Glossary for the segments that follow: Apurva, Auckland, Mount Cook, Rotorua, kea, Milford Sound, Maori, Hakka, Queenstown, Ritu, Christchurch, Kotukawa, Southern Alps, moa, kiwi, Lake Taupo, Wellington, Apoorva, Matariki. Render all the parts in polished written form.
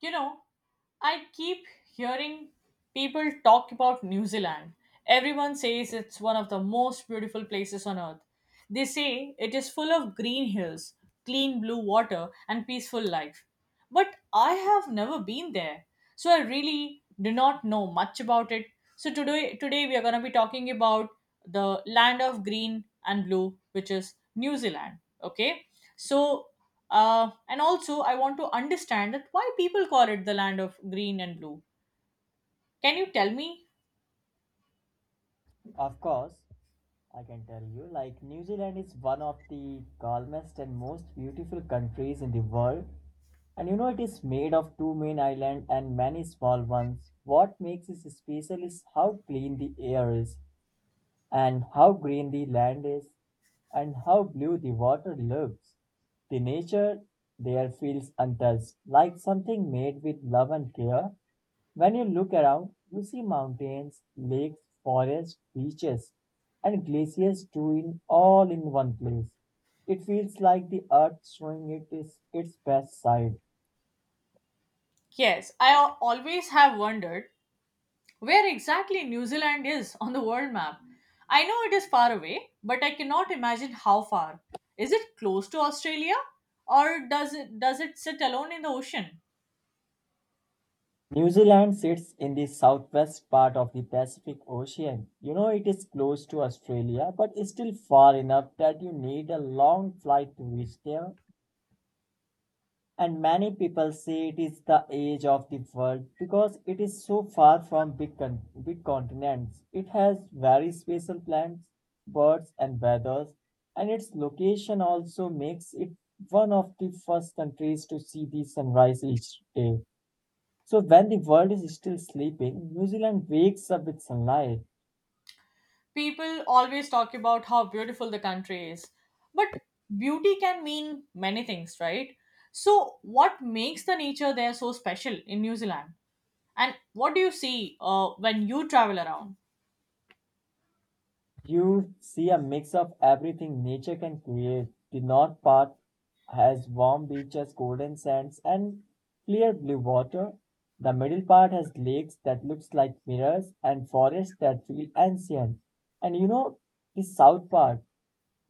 You know, I keep hearing people talk about New Zealand. Everyone says it's one of the most beautiful places on earth. They say it is full of green hills, clean blue water, and peaceful life. But I have never been there, so I really do not know much about it. So today we are going to be talking about the land of green and blue, which is New Zealand. Okay? So and also, I want to understand that why people call it the land of green and blue. Can you tell me? Of course, I can tell you, like New Zealand is one of the calmest and most beautiful countries in the world. And it is made of two main islands and many small ones. What makes it special is how clean the air is, and how green the land is, and how blue the water looks. The nature there feels untouched, like something made with love and care. When you look around, you see mountains, lakes, forests, beaches, and glaciers too in all in one place. It feels like the earth showing it is its best side. Yes, I always have wondered where exactly New Zealand is on the world map. I know it is far away, but I cannot imagine how far. Is it close to Australia, or does it sit alone in the ocean? New Zealand sits in the southwest part of the Pacific Ocean. It is close to Australia, but it's still far enough that you need a long flight to reach there. And many people say it is the age of the world because it is so far from big continents. It has very special plants, birds, and weathers, and its location also makes it one of the first countries to see the sunrise each day. So, when the world is still sleeping, New Zealand wakes up with sunlight. People always talk about how beautiful the country is, but beauty can mean many things, right? So what makes the nature there so special in New Zealand, and what do you see when you travel around? You see a mix of everything nature can create. The north part has warm beaches, golden sands, and clear blue water. The middle part has lakes that looks like mirrors and forests that feel ancient. And the south part,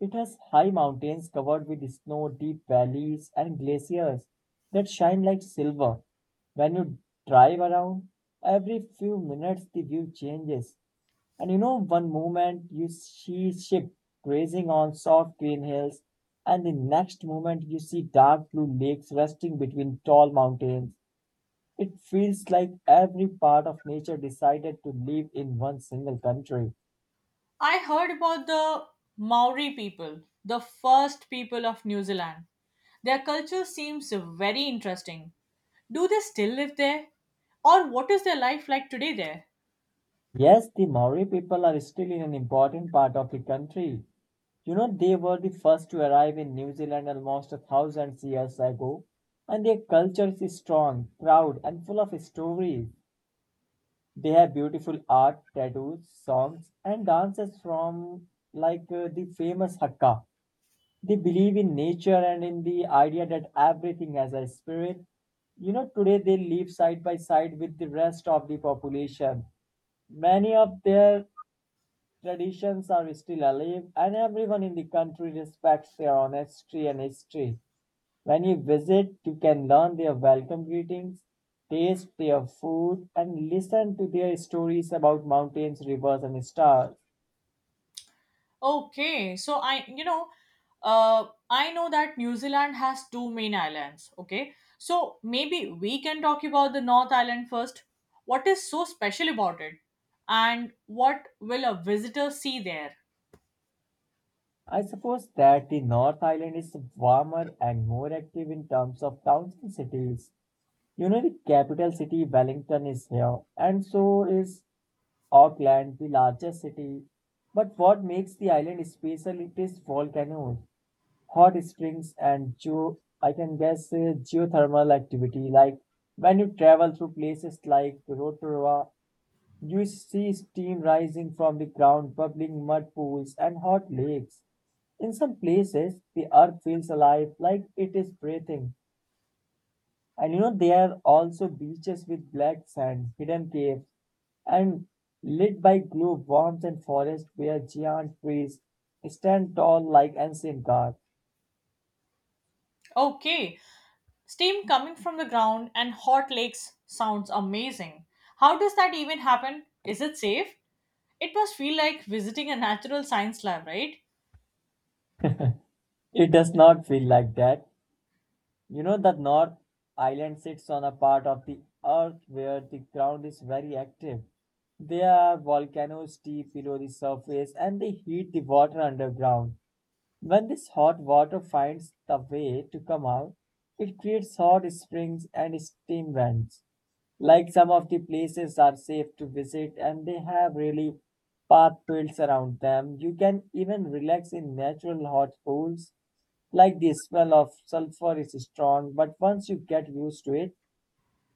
it has high mountains covered with snow, deep valleys, and glaciers that shine like silver. When you drive around, every few minutes the view changes, and one moment you see ship grazing on soft green hills, and the next moment you see dark blue lakes resting between tall mountains. It feels like every part of nature decided to live in one single country. I heard about the Maori people, the first people of New Zealand. Their culture seems very interesting. Do they still live there, or what is their life like today there? Yes, the Maori people are still in an important part of the country. They were the first to arrive in New Zealand almost 1,000 years ago, and their culture is strong, proud, and full of stories. They have beautiful art, tattoos, songs, and dances from, like, the famous Hakka. They believe in nature and in the idea that everything has a spirit. Today they live side by side with the rest of the population. Many of their traditions are still alive, and everyone in the country respects their honesty and history. When you visit, you can learn their welcome greetings, taste their food, and listen to their stories about mountains, rivers, and stars. Okay, so I know that New Zealand has two main islands. Okay, so maybe we can talk about the North Island first. What is so special about it, and what will a visitor see there? I suppose that the North Island is warmer and more active in terms of towns and cities. The capital city, Wellington, is here, and so is Auckland, the largest city. But what makes the island special? It is volcanoes, hot springs, and geo I can guess, geothermal activity. Like when you travel through places like Rotorua, you see steam rising from the ground, bubbling mud pools, and hot lakes. In some places, the earth feels alive, like it is breathing. And there are also beaches with black sand, hidden caves, and lit by glow worms, and forests where giant trees stand tall like ancient gods. Okay, steam coming from the ground and hot lakes sounds amazing. How does that even happen? Is it safe? It must feel like visiting a natural science lab, right? It does not feel like that. The North Island sits on a part of the earth where the ground is very active. There are volcanoes deep below the surface, and they heat the water underground. When this hot water finds the way to come out, it creates hot springs and steam vents. Like, some of the places are safe to visit and they have really path built around them. You can even relax in natural hot pools. Like, the smell of sulfur is strong, but once you get used to it,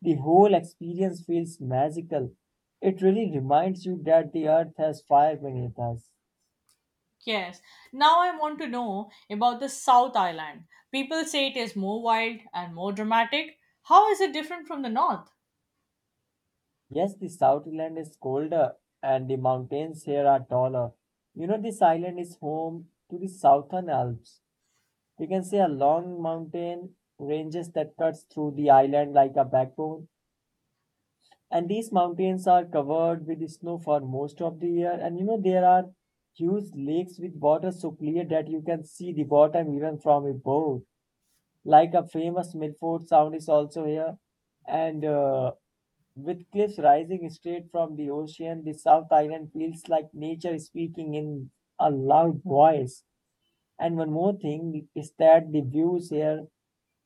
the whole experience feels magical. It really reminds you that the earth has fire beneath us. Yes. Now I want to know about the South Island. People say it is more wild and more dramatic. How is it different from the North? Yes, the Southland is colder and the mountains here are taller. This island is home to the Southern Alps. You can see a long mountain ranges that cuts through the island like a backbone. And these mountains are covered with snow for most of the year. And there are huge lakes with water so clear that you can see the bottom even from a boat. Like, a famous Milford Sound is also here, and with cliffs rising straight from the ocean, the South Island feels like nature speaking in a loud voice. And one more thing is that the views here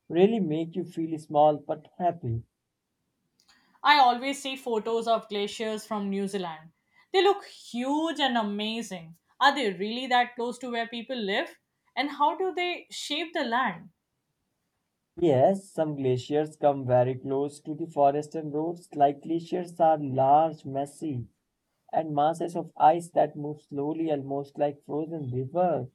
really make you feel small but happy. I always see photos of glaciers from New Zealand. They look huge and amazing. Are they really that close to where people live? And how do they shape the land? Yes, some glaciers come very close to the forest and roads. Like, glaciers are large, messy, and masses of ice that move slowly, almost like frozen rivers.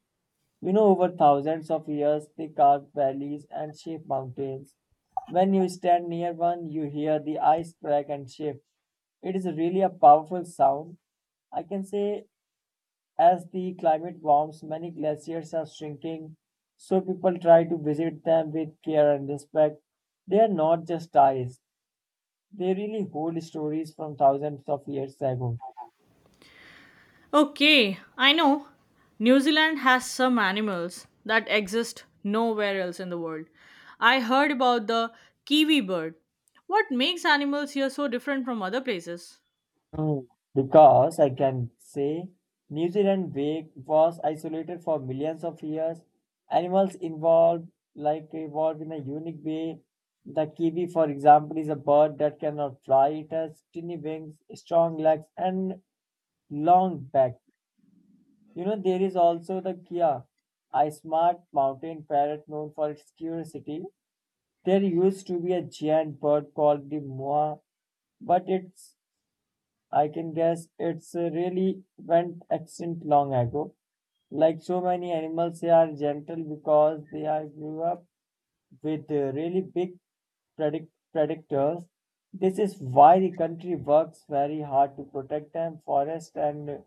Over thousands of years, they carved valleys and shaped mountains. When you stand near one, you hear the ice crack and shift. It is really a powerful sound. I can say, as the climate warms, many glaciers are shrinking, so people try to visit them with care and respect. They are not just ice, they really hold stories from thousands of years ago. Okay, I know. New Zealand has some animals that exist nowhere else in the world. I heard about the kiwi bird. What makes animals here so different from other places? Mm, Because I can say New Zealand was isolated for millions of years. Animals involved, like, evolved in a unique way. The kiwi, for example, is a bird that cannot fly. It has tiny wings, strong legs, and long back. There is also the kia, a smart mountain parrot known for its curiosity. There used to be a giant bird called the moa, but it's, I can guess, it's really went extinct long ago. Like so many animals, they are gentle because they are grew up with really big predators. This is why the country works very hard to protect them. Forest and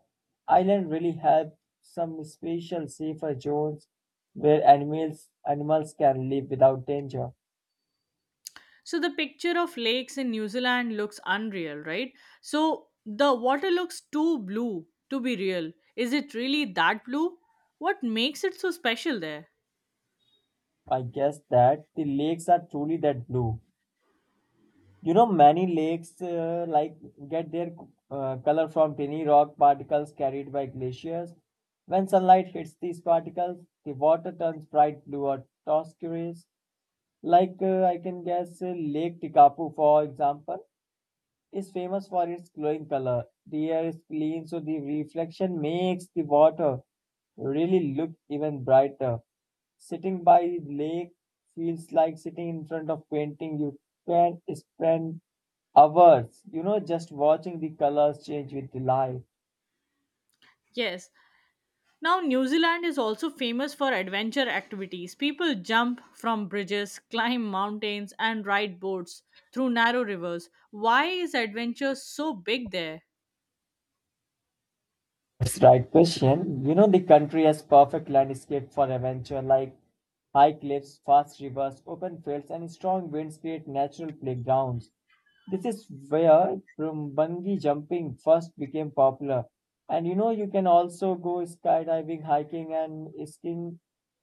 island really have some special safer zones where animals can live without danger. So the picture of lakes in New Zealand looks unreal, right? So the water looks too blue to be real. Is it really that blue? What makes it so special there? I guess that the lakes are truly that blue. Many lakes, like, get their color from tiny rock particles carried by glaciers. When sunlight hits these particles, the water turns bright blue or turquoise. Like, I can guess, Lake Tikapu, for example, is famous for its glowing color. The air is clean, so the reflection makes the water really look even brighter. Sitting by the lake feels like sitting in front of painting. You can spend hours, just watching the colors change with the light. Yes. Now, New Zealand is also famous for adventure activities. People jump from bridges, climb mountains, and ride boats through narrow rivers. Why is adventure so big there? That's right question. The country has perfect landscape for adventure, like high cliffs, fast rivers, open fields, and strong winds create natural playgrounds. This is where from bungee jumping first became popular. And you can also go skydiving, hiking, and skiing,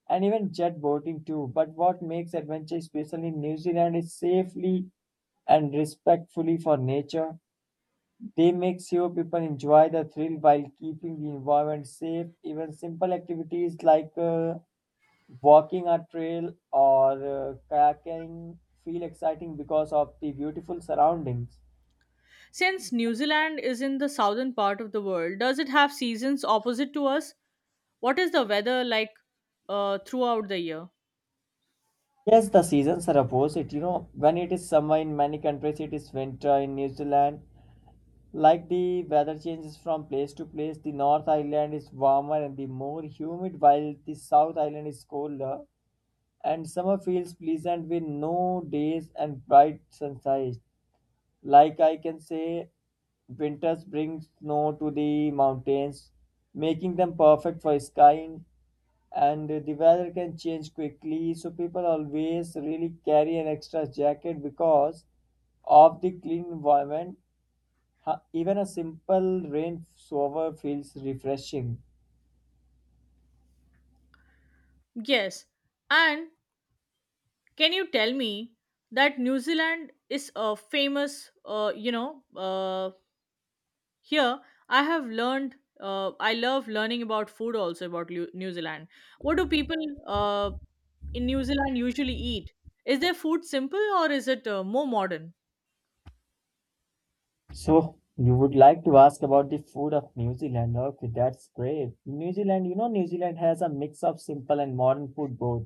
and even jet boating too. But what makes adventure special in New Zealand is safely and respectfully for nature. They make sure people enjoy the thrill while keeping the environment safe. Even simple activities like walking a trail or kayaking feel exciting because of the beautiful surroundings. Since New Zealand is in the southern part of the world, does it have seasons opposite to us? What is the weather like throughout the year? Yes, the seasons are opposite. When it is summer in many countries, it is winter in New Zealand. Like the weather changes from place to place, the North Island is warmer and the more humid, while the South Island is colder. And summer feels pleasant with no days and bright sunshine. Like, I can say, winters bring snow to the mountains, making them perfect for skiing, and the weather can change quickly. So people always really carry an extra jacket. Because of the clean environment, even a simple rain shower feels refreshing. Yes. And can you tell me that New Zealand is famous, you know, Here, I have learned. I love learning about food also about New Zealand. What do people uh, in New Zealand usually eat? Is their food simple, or is it more modern? So you would like to ask about the food of New Zealand. Okay, that's great. New Zealand has a mix of simple and modern food both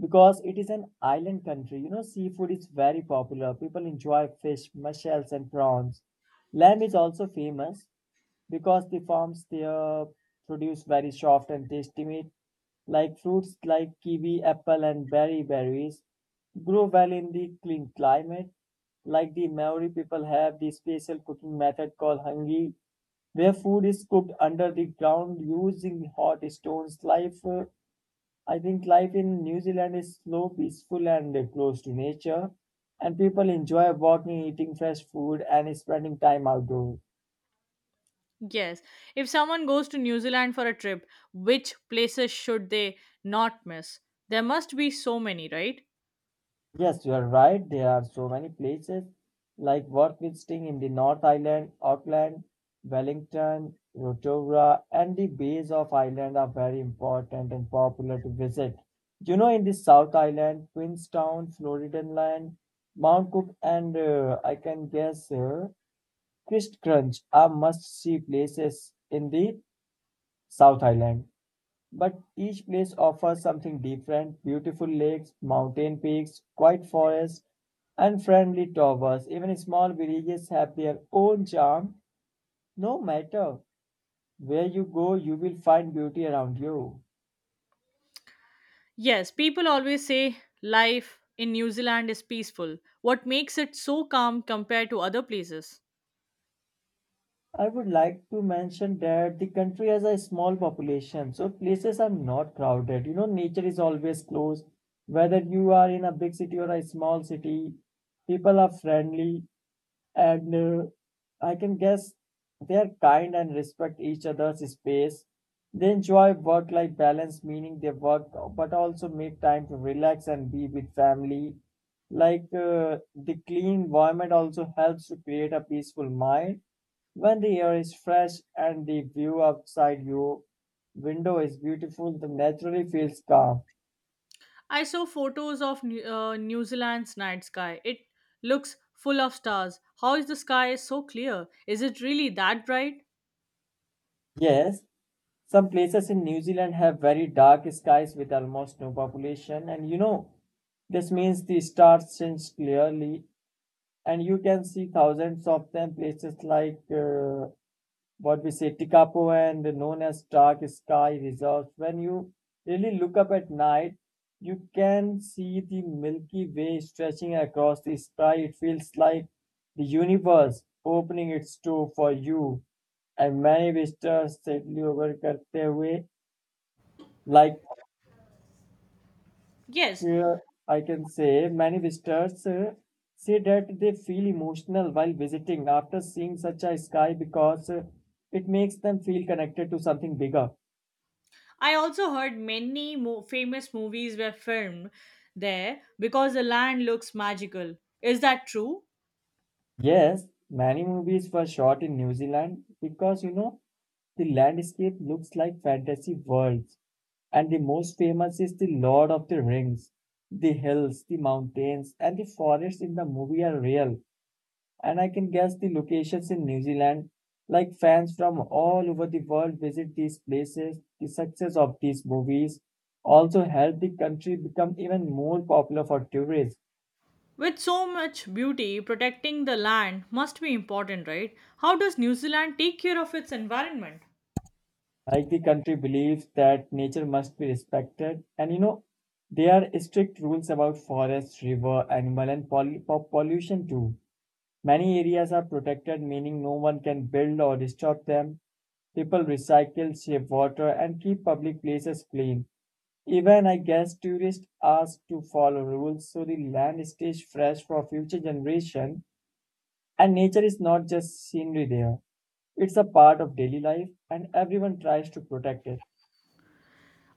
because it is an island country. Seafood is very popular. People enjoy fish, mussels, and prawns. Lamb is also famous because the farms there produce very soft and tasty meat. Like, fruits like kiwi, apple, and berry berries grow well in the clean climate. Like, the Maori people have the special cooking method called hangi, where food is cooked under the ground using hot stones. Life I think life in New Zealand is slow, peaceful, and close to nature. And people enjoy walking, eating fresh food, and spending time outdoors. Yes. If someone goes to New Zealand for a trip, which places should they not miss? There must be so many, right? Yes, you are right. There are so many places like worth visiting in the North Island. Auckland, Wellington, Rotorua, and the bays of Ireland are very important and popular to visit. In the South Island, Queenstown, Floridan Land, Mount Cook, and I can guess, Christchurch are must-see places in the South Island, but each place offers something different: beautiful lakes, mountain peaks, quiet forests, and friendly towers. Even small villages have their own charm. No matter where you go, you will find beauty around you. Yes, people always say life in New Zealand is peaceful. What makes it so calm compared to other places? I would like to mention that the country has a small population, so places are not crowded. Nature is always close. Whether you are in a big city or a small city, people are friendly and uh, I can guess they are kind and respect each other's space. They enjoy work life balance, meaning they work but also make time to relax and be with family. Like the clean environment also helps to create a peaceful mind. When the air is fresh and the view outside your window is beautiful, the naturally feels calm. I saw photos of New Zealand's night sky. It looks full of stars. How is the sky so clear? Is it really that bright? Yes, some places in New Zealand have very dark skies with almost no population, and you know, this means the stars shines clearly, and you can see thousands of them. Places like what we say Tikapo and known as dark sky reserves. When you really look up at night, you can see the Milky Way stretching across the sky. It feels like the universe opening its door for you. And many visitors सेटली over. करते हुए like Yes, uh, I can say, many visitors say that they feel emotional while visiting after seeing such a sky because it makes them feel connected to something bigger. I also heard many famous movies were filmed there because the land looks magical. Is that true? Yes, many movies were shot in New Zealand because you know the landscape looks like fantasy worlds, and the most famous is the Lord of the Rings. The hills, the mountains, and the forests in the movie are real and I can guess the locations in New Zealand. Like fans from all over the world visit these places, the success of these movies also helped the country become even more popular for tourists. With so much beauty, protecting the land must be important, right? How does New Zealand take care of its environment? Like the country believes that nature must be respected, and you know, there are strict rules about forest, river, animal, and pollution too. Many areas are protected, meaning no one can build or disturb them. People recycle, save water, and keep public places clean. Even I guess tourists ask to follow rules so the land stays fresh for future generation and nature is not just scenery there. It's a part of daily life and everyone tries to protect it.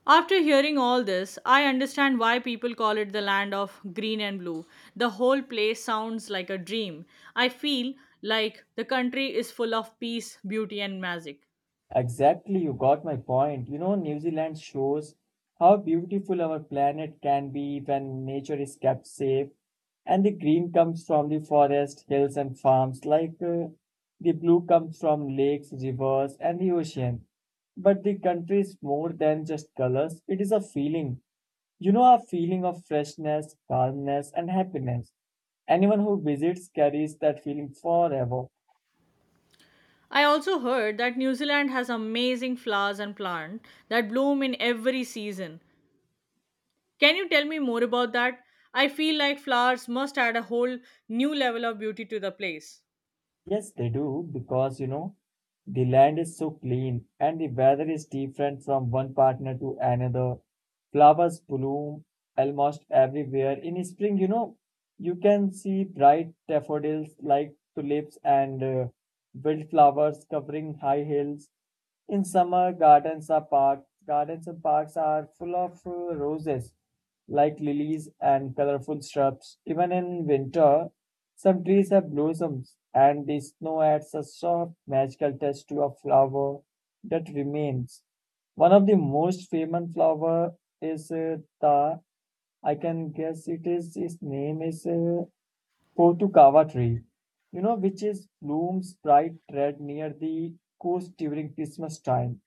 After hearing all this, I understand why people call it the land of green and blue. The whole place sounds like a dream. I feel like the country is full of peace, beauty, and magic. Exactly, you got my point. You know, New Zealand shows how beautiful our planet can be when nature is kept safe and the green comes from the forest, hills, and farms, like the blue comes from lakes, rivers, and the ocean. But the country is more than just colors, it is a feeling. You know, a feeling of freshness, calmness, and happiness. Anyone who visits carries that feeling forever. I also heard that New Zealand has amazing flowers and plants that bloom in every season. Can you tell me more about that? I feel like flowers must add a whole new level of beauty to the place. Yes, they do because you know the land is so clean and the weather is different from one partner to another. Flowers bloom almost everywhere. In spring, you know, you can see bright daffodils like tulips and wildflowers covering high hills. In summer, gardens are park gardens and parks are full of roses, like lilies and colorful shrubs. Even in winter, some trees have blossoms, and the snow adds a soft, magical touch to a flower that remains. One of the most famous flower is the. I can guess it is. His name is Kotukawa tree, you know, which is blooms bright red near the coast during Christmas time.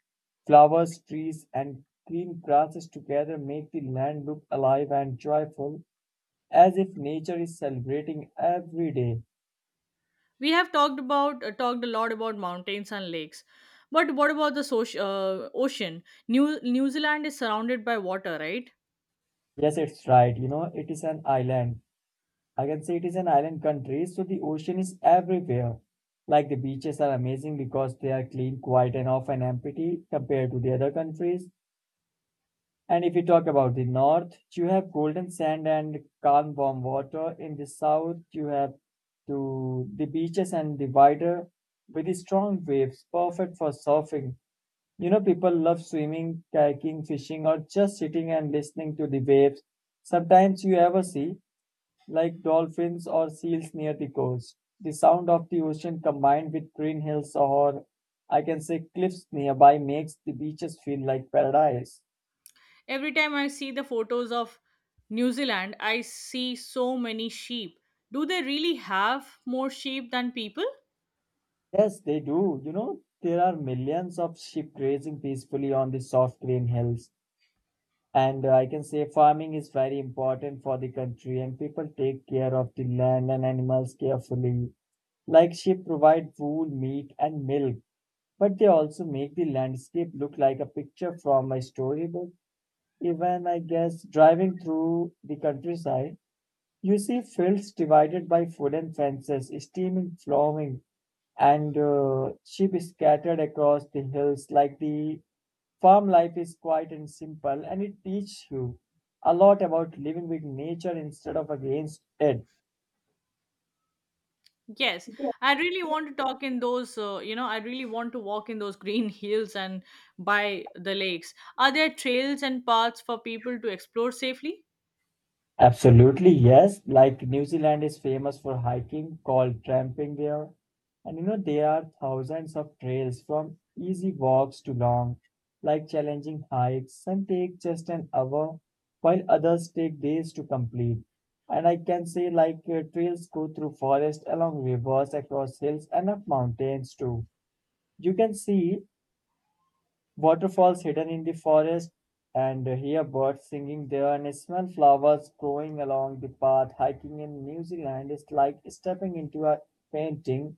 Flowers, trees, and green grasses together make the land look alive and joyful, as if nature is celebrating every day. We have talked about talked a lot about mountains and lakes, but what about the ocean? New Zealand is surrounded by water, right? Yes, it's right. You know, it is an island. I can say it is an island country, so the ocean is everywhere. Like the beaches are amazing because they are clean, quiet, and often empty compared to the other countries. And if you talk about the north, you have golden sand and calm, warm water. In the south, you have to the beaches and the wider with the strong waves, perfect for surfing. You know, people love swimming, kayaking, fishing, or just sitting and listening to the waves. Sometimes you ever see like dolphins or seals near the coast. The sound of the ocean combined with green hills or I can say cliffs nearby makes the beaches feel like paradise. Every time I see the photos of New Zealand, I see so many sheep. Do they really have more sheep than people? Yes, they do. You know, there are millions of sheep grazing peacefully on the soft green hills. And I can say farming is very important for the country, and people take care of the land and animals carefully. Like sheep provide wool, meat, and milk, but they also make the landscape look like a picture from a storybook. Even, I guess, driving through the countryside, you see fields divided by wooden fences, steaming, flowing and sheep scattered across the hills. Like the farm life is quiet and simple, and it teaches you a lot about living with nature instead of against it. Yes, I really want to talk in those you know I really want to walk in those green hills and by the lakes. Are there trails and paths for people to explore safely? Absolutely, yes. Like New Zealand is famous for hiking, called tramping there. And you know, there are thousands of trails from easy walks to long, like challenging hikes. Some take just an hour, while others take days to complete. And I can say, like, trails go through forest, along rivers, across hills, and up mountains too. You can see waterfalls hidden in the forest, and hear birds singing there and smell flowers growing along the path. Hiking in New Zealand is like stepping into a painting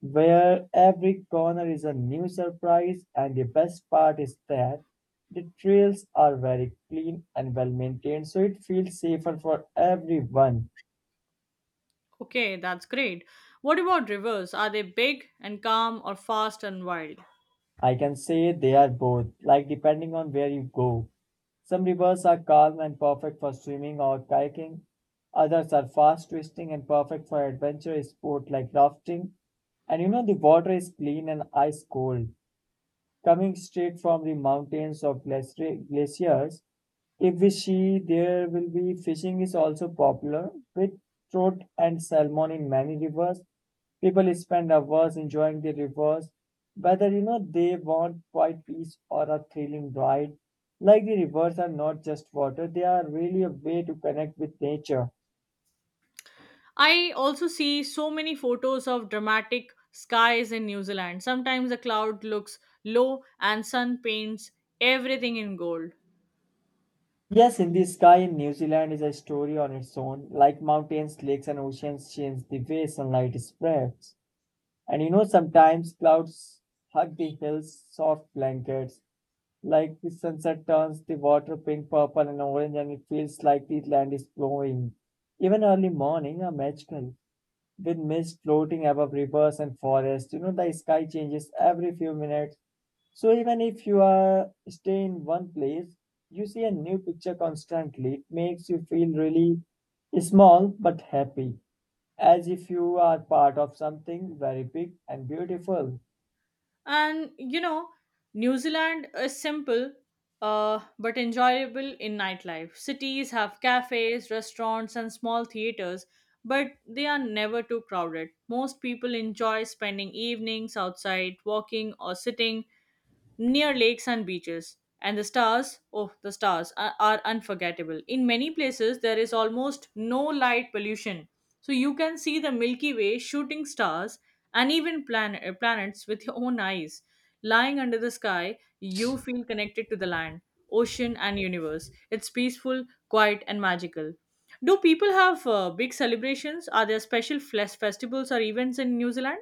where every corner is a new surprise, and the best part is that the trails are very clean and well maintained, so it feels safer for everyone. Okay, that's great. What about rivers? Are they big and calm, or fast and wild? I can say they are both, like depending on where you go. Some rivers are calm and perfect for swimming or kayaking. Others are fast twisting and perfect for adventure sport like rafting. And you know the water is clean and ice cold, coming straight from the mountains or glaciers. If we see there will be fishing is also popular with trout and salmon in many rivers. People spend hours enjoying the rivers, whether you know they want quiet peace or a thrilling ride. Like the rivers are not just water, they are really a way to connect with nature. I also see so many photos of dramatic skies in New Zealand. Sometimes the cloud looks low and sun paints everything in gold. Yes, in the sky in New Zealand is a story on its own, like mountains, lakes, and oceans change the way sunlight spreads. And you know, sometimes clouds hug the hills, soft blankets, like the sunset turns the water pink, purple, and orange, and it feels like the land is glowing. Even early morning are magical, with mist floating above rivers and forests. You know, the sky changes every few minutes. So even if you are stay in one place, you see a new picture constantly. It makes you feel really small but happy, as if you are part of something very big and beautiful. And you know, New Zealand is simple but enjoyable in nightlife. Cities have cafes, restaurants, and small theaters, but they are never too crowded. Most people enjoy spending evenings outside, walking, or sitting near lakes and beaches. And the stars, oh, the stars are unforgettable. In many places, there is almost no light pollution. So you can see the Milky Way, shooting stars, and even planets with your own eyes. Lying under the sky, you feel connected to the land, ocean, and universe. It's peaceful, quiet, and magical. Do people have big celebrations? Are there special festivals or events in New Zealand?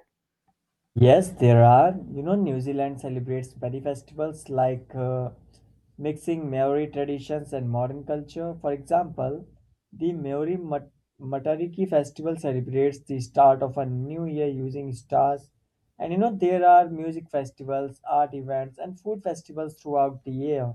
Yes, there are. You know, New Zealand celebrates many festivals like mixing Maori traditions and modern culture. For example, the Matariki festival celebrates the start of a new year using stars. And you know, there are music festivals, art events, and food festivals throughout the year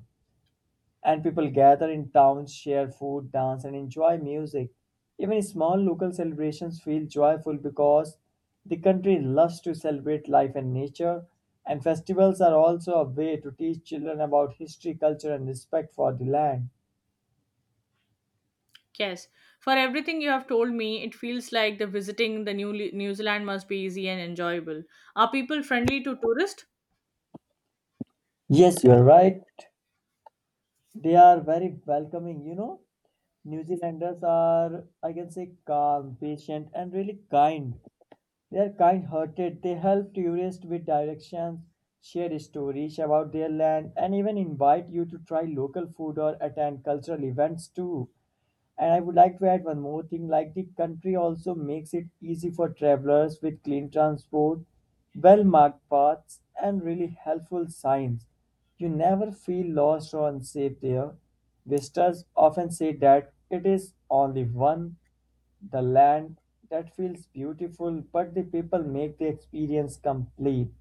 and people gather in towns, share food, dance, and enjoy music. Even small local celebrations feel joyful because the country loves to celebrate life and nature, and festivals are also a way to teach children about history, culture, and respect for the land. Yes. For everything you have told me, it feels like the visiting the New Zealand must be easy and enjoyable. Are people friendly to tourists? Yes, you are right. They are very welcoming. You know, New Zealanders are, I can say, calm, patient, and really kind. They are kind-hearted, they help tourists with directions, share stories about their land, and even invite you to try local food or attend cultural events too. And I would like to add one more thing like the country also makes it easy for travelers with clean transport, well marked paths, and really helpful signs. You never feel lost or unsafe there. Visitors often say that it is only one the land that feels beautiful, but the people make the experience complete.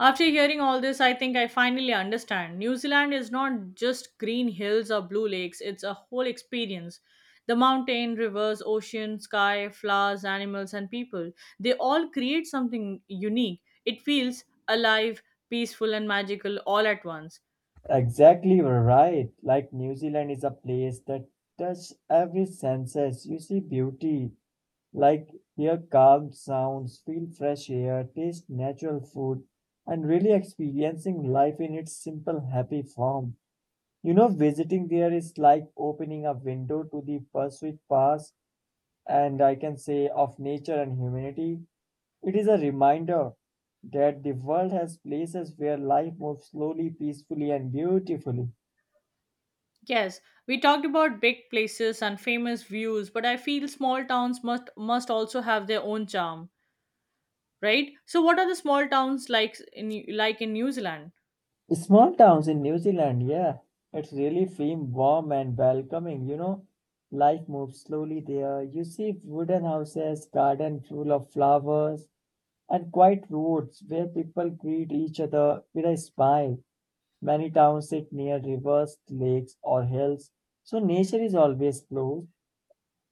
After hearing all this, I think I finally understand. New Zealand is not just green hills or blue lakes, it's a whole experience. The mountain, rivers, ocean, sky, flowers, animals, and people, they all create something unique. It feels alive, peaceful, and magical all at once. Exactly right. Like New Zealand is a place that touches every senses. You see beauty, like hear calm sounds, feel fresh air, taste natural food, and really experiencing life in its simple, happy form. You know, visiting there is like opening a window to the pursuit past and I can say of nature and humanity. It is a reminder that the world has places where life moves slowly, peacefully, and beautifully. Yes, we talked about big places and famous views, but I feel small towns must also have their own charm, right? So what are the small towns like in New Zealand? Small towns in New Zealand, yeah, it's really feeling warm and welcoming, you know. Life moves slowly there. You see wooden houses, garden full of flowers, and quiet roads where people greet each other with a smile. Many towns sit near rivers, lakes, or hills, so nature is always close.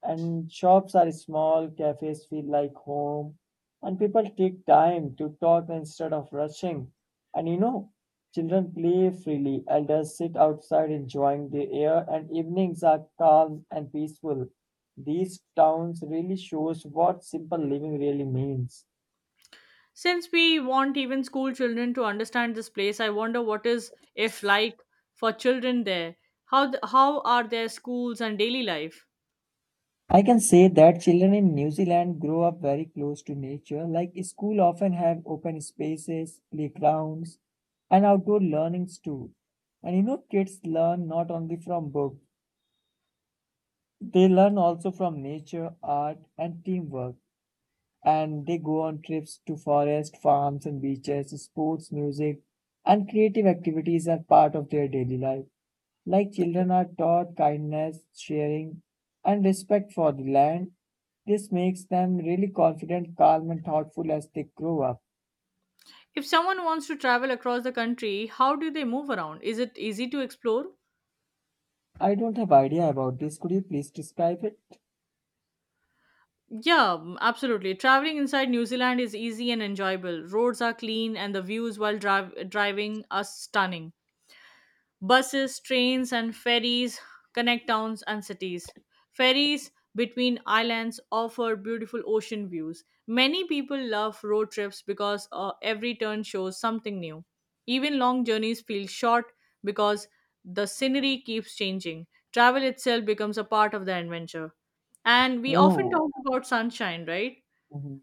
And shops are small, cafes feel like home, and people take time to talk instead of rushing. And you know, children play freely, elders sit outside enjoying the air, and evenings are calm and peaceful. These towns really shows what simple living really means. Since we want even school children to understand this place, I wonder what is if like for children there. How are their schools and daily life? I can say that children in New Zealand grow up very close to nature, like school often have open spaces, playgrounds, and outdoor learnings too. And you know, kids learn not only from books, they learn also from nature, art, and teamwork and they go on trips to forest, farms and beaches, sports, music, and creative activities are part of their daily life. Like children are taught kindness, sharing, and respect for the land. This makes them really confident, calm, and thoughtful as they grow up. If someone wants to travel across the country, how do they move around? Is it easy to explore? I don't have idea about this. Could you please describe it? Yeah, absolutely. Traveling inside New Zealand is easy and enjoyable. Roads are clean, and the views while driving are stunning. Buses, trains, and ferries connect towns and cities. Ferries between islands offer beautiful ocean views. Many people love road trips because every turn shows something new. Even long journeys feel short because the scenery keeps changing. Travel itself becomes a part of the adventure. And we often Whoa. talk about sunshine, right? Mhm.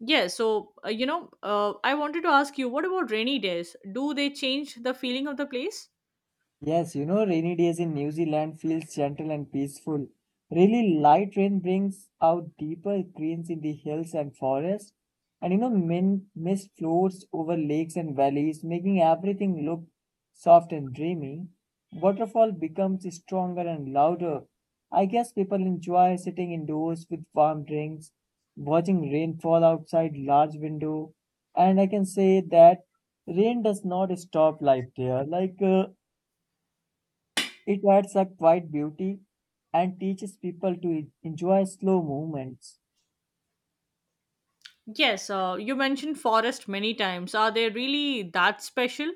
Yeah, so I wanted to ask you, what about rainy days? Do they change the feeling of the place? Yes, you know, rainy days in New Zealand feels gentle and peaceful. Really light rain brings out deeper greens in the hills and forests. And you know, mist floats over lakes and valleys, making everything look soft and dreamy. Waterfall becomes stronger and louder. I guess people enjoy sitting indoors with warm drinks, watching rain fall outside large window. And I can say that rain does not stop life there. Like, it adds a quiet beauty and teaches people to enjoy slow movements. Yes, you mentioned forest many times. Are they really that special?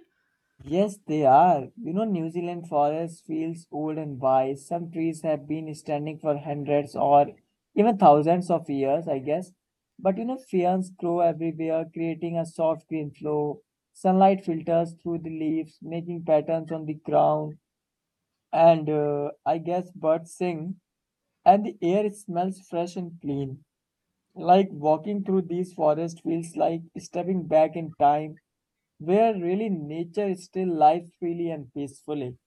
Yes, they are. You know, New Zealand forest feels old and wise. Some trees have been standing for hundreds or even thousands of years, I guess. But you know, ferns grow everywhere, creating a soft green floor. Sunlight filters through the leaves, making patterns on the ground. And I guess birds sing, and the air smells fresh and clean. Like walking through these forests feels like stepping back in time, where really nature still lives freely and peacefully.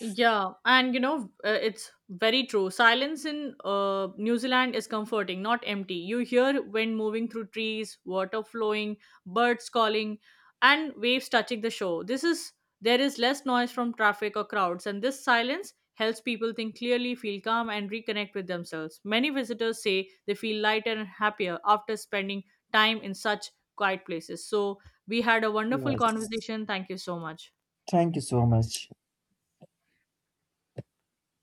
Yeah, and you know, it's very true. Silence in New Zealand is comforting, not empty. You hear wind moving through trees, water flowing, birds calling, and waves touching the shore. This is There is less noise from traffic or crowds, and this silence helps people think clearly, feel calm, and reconnect with themselves. Many visitors say they feel lighter and happier after spending time in such quiet places. So, we had a wonderful Yes. conversation. Thank you so much. Thank you so much.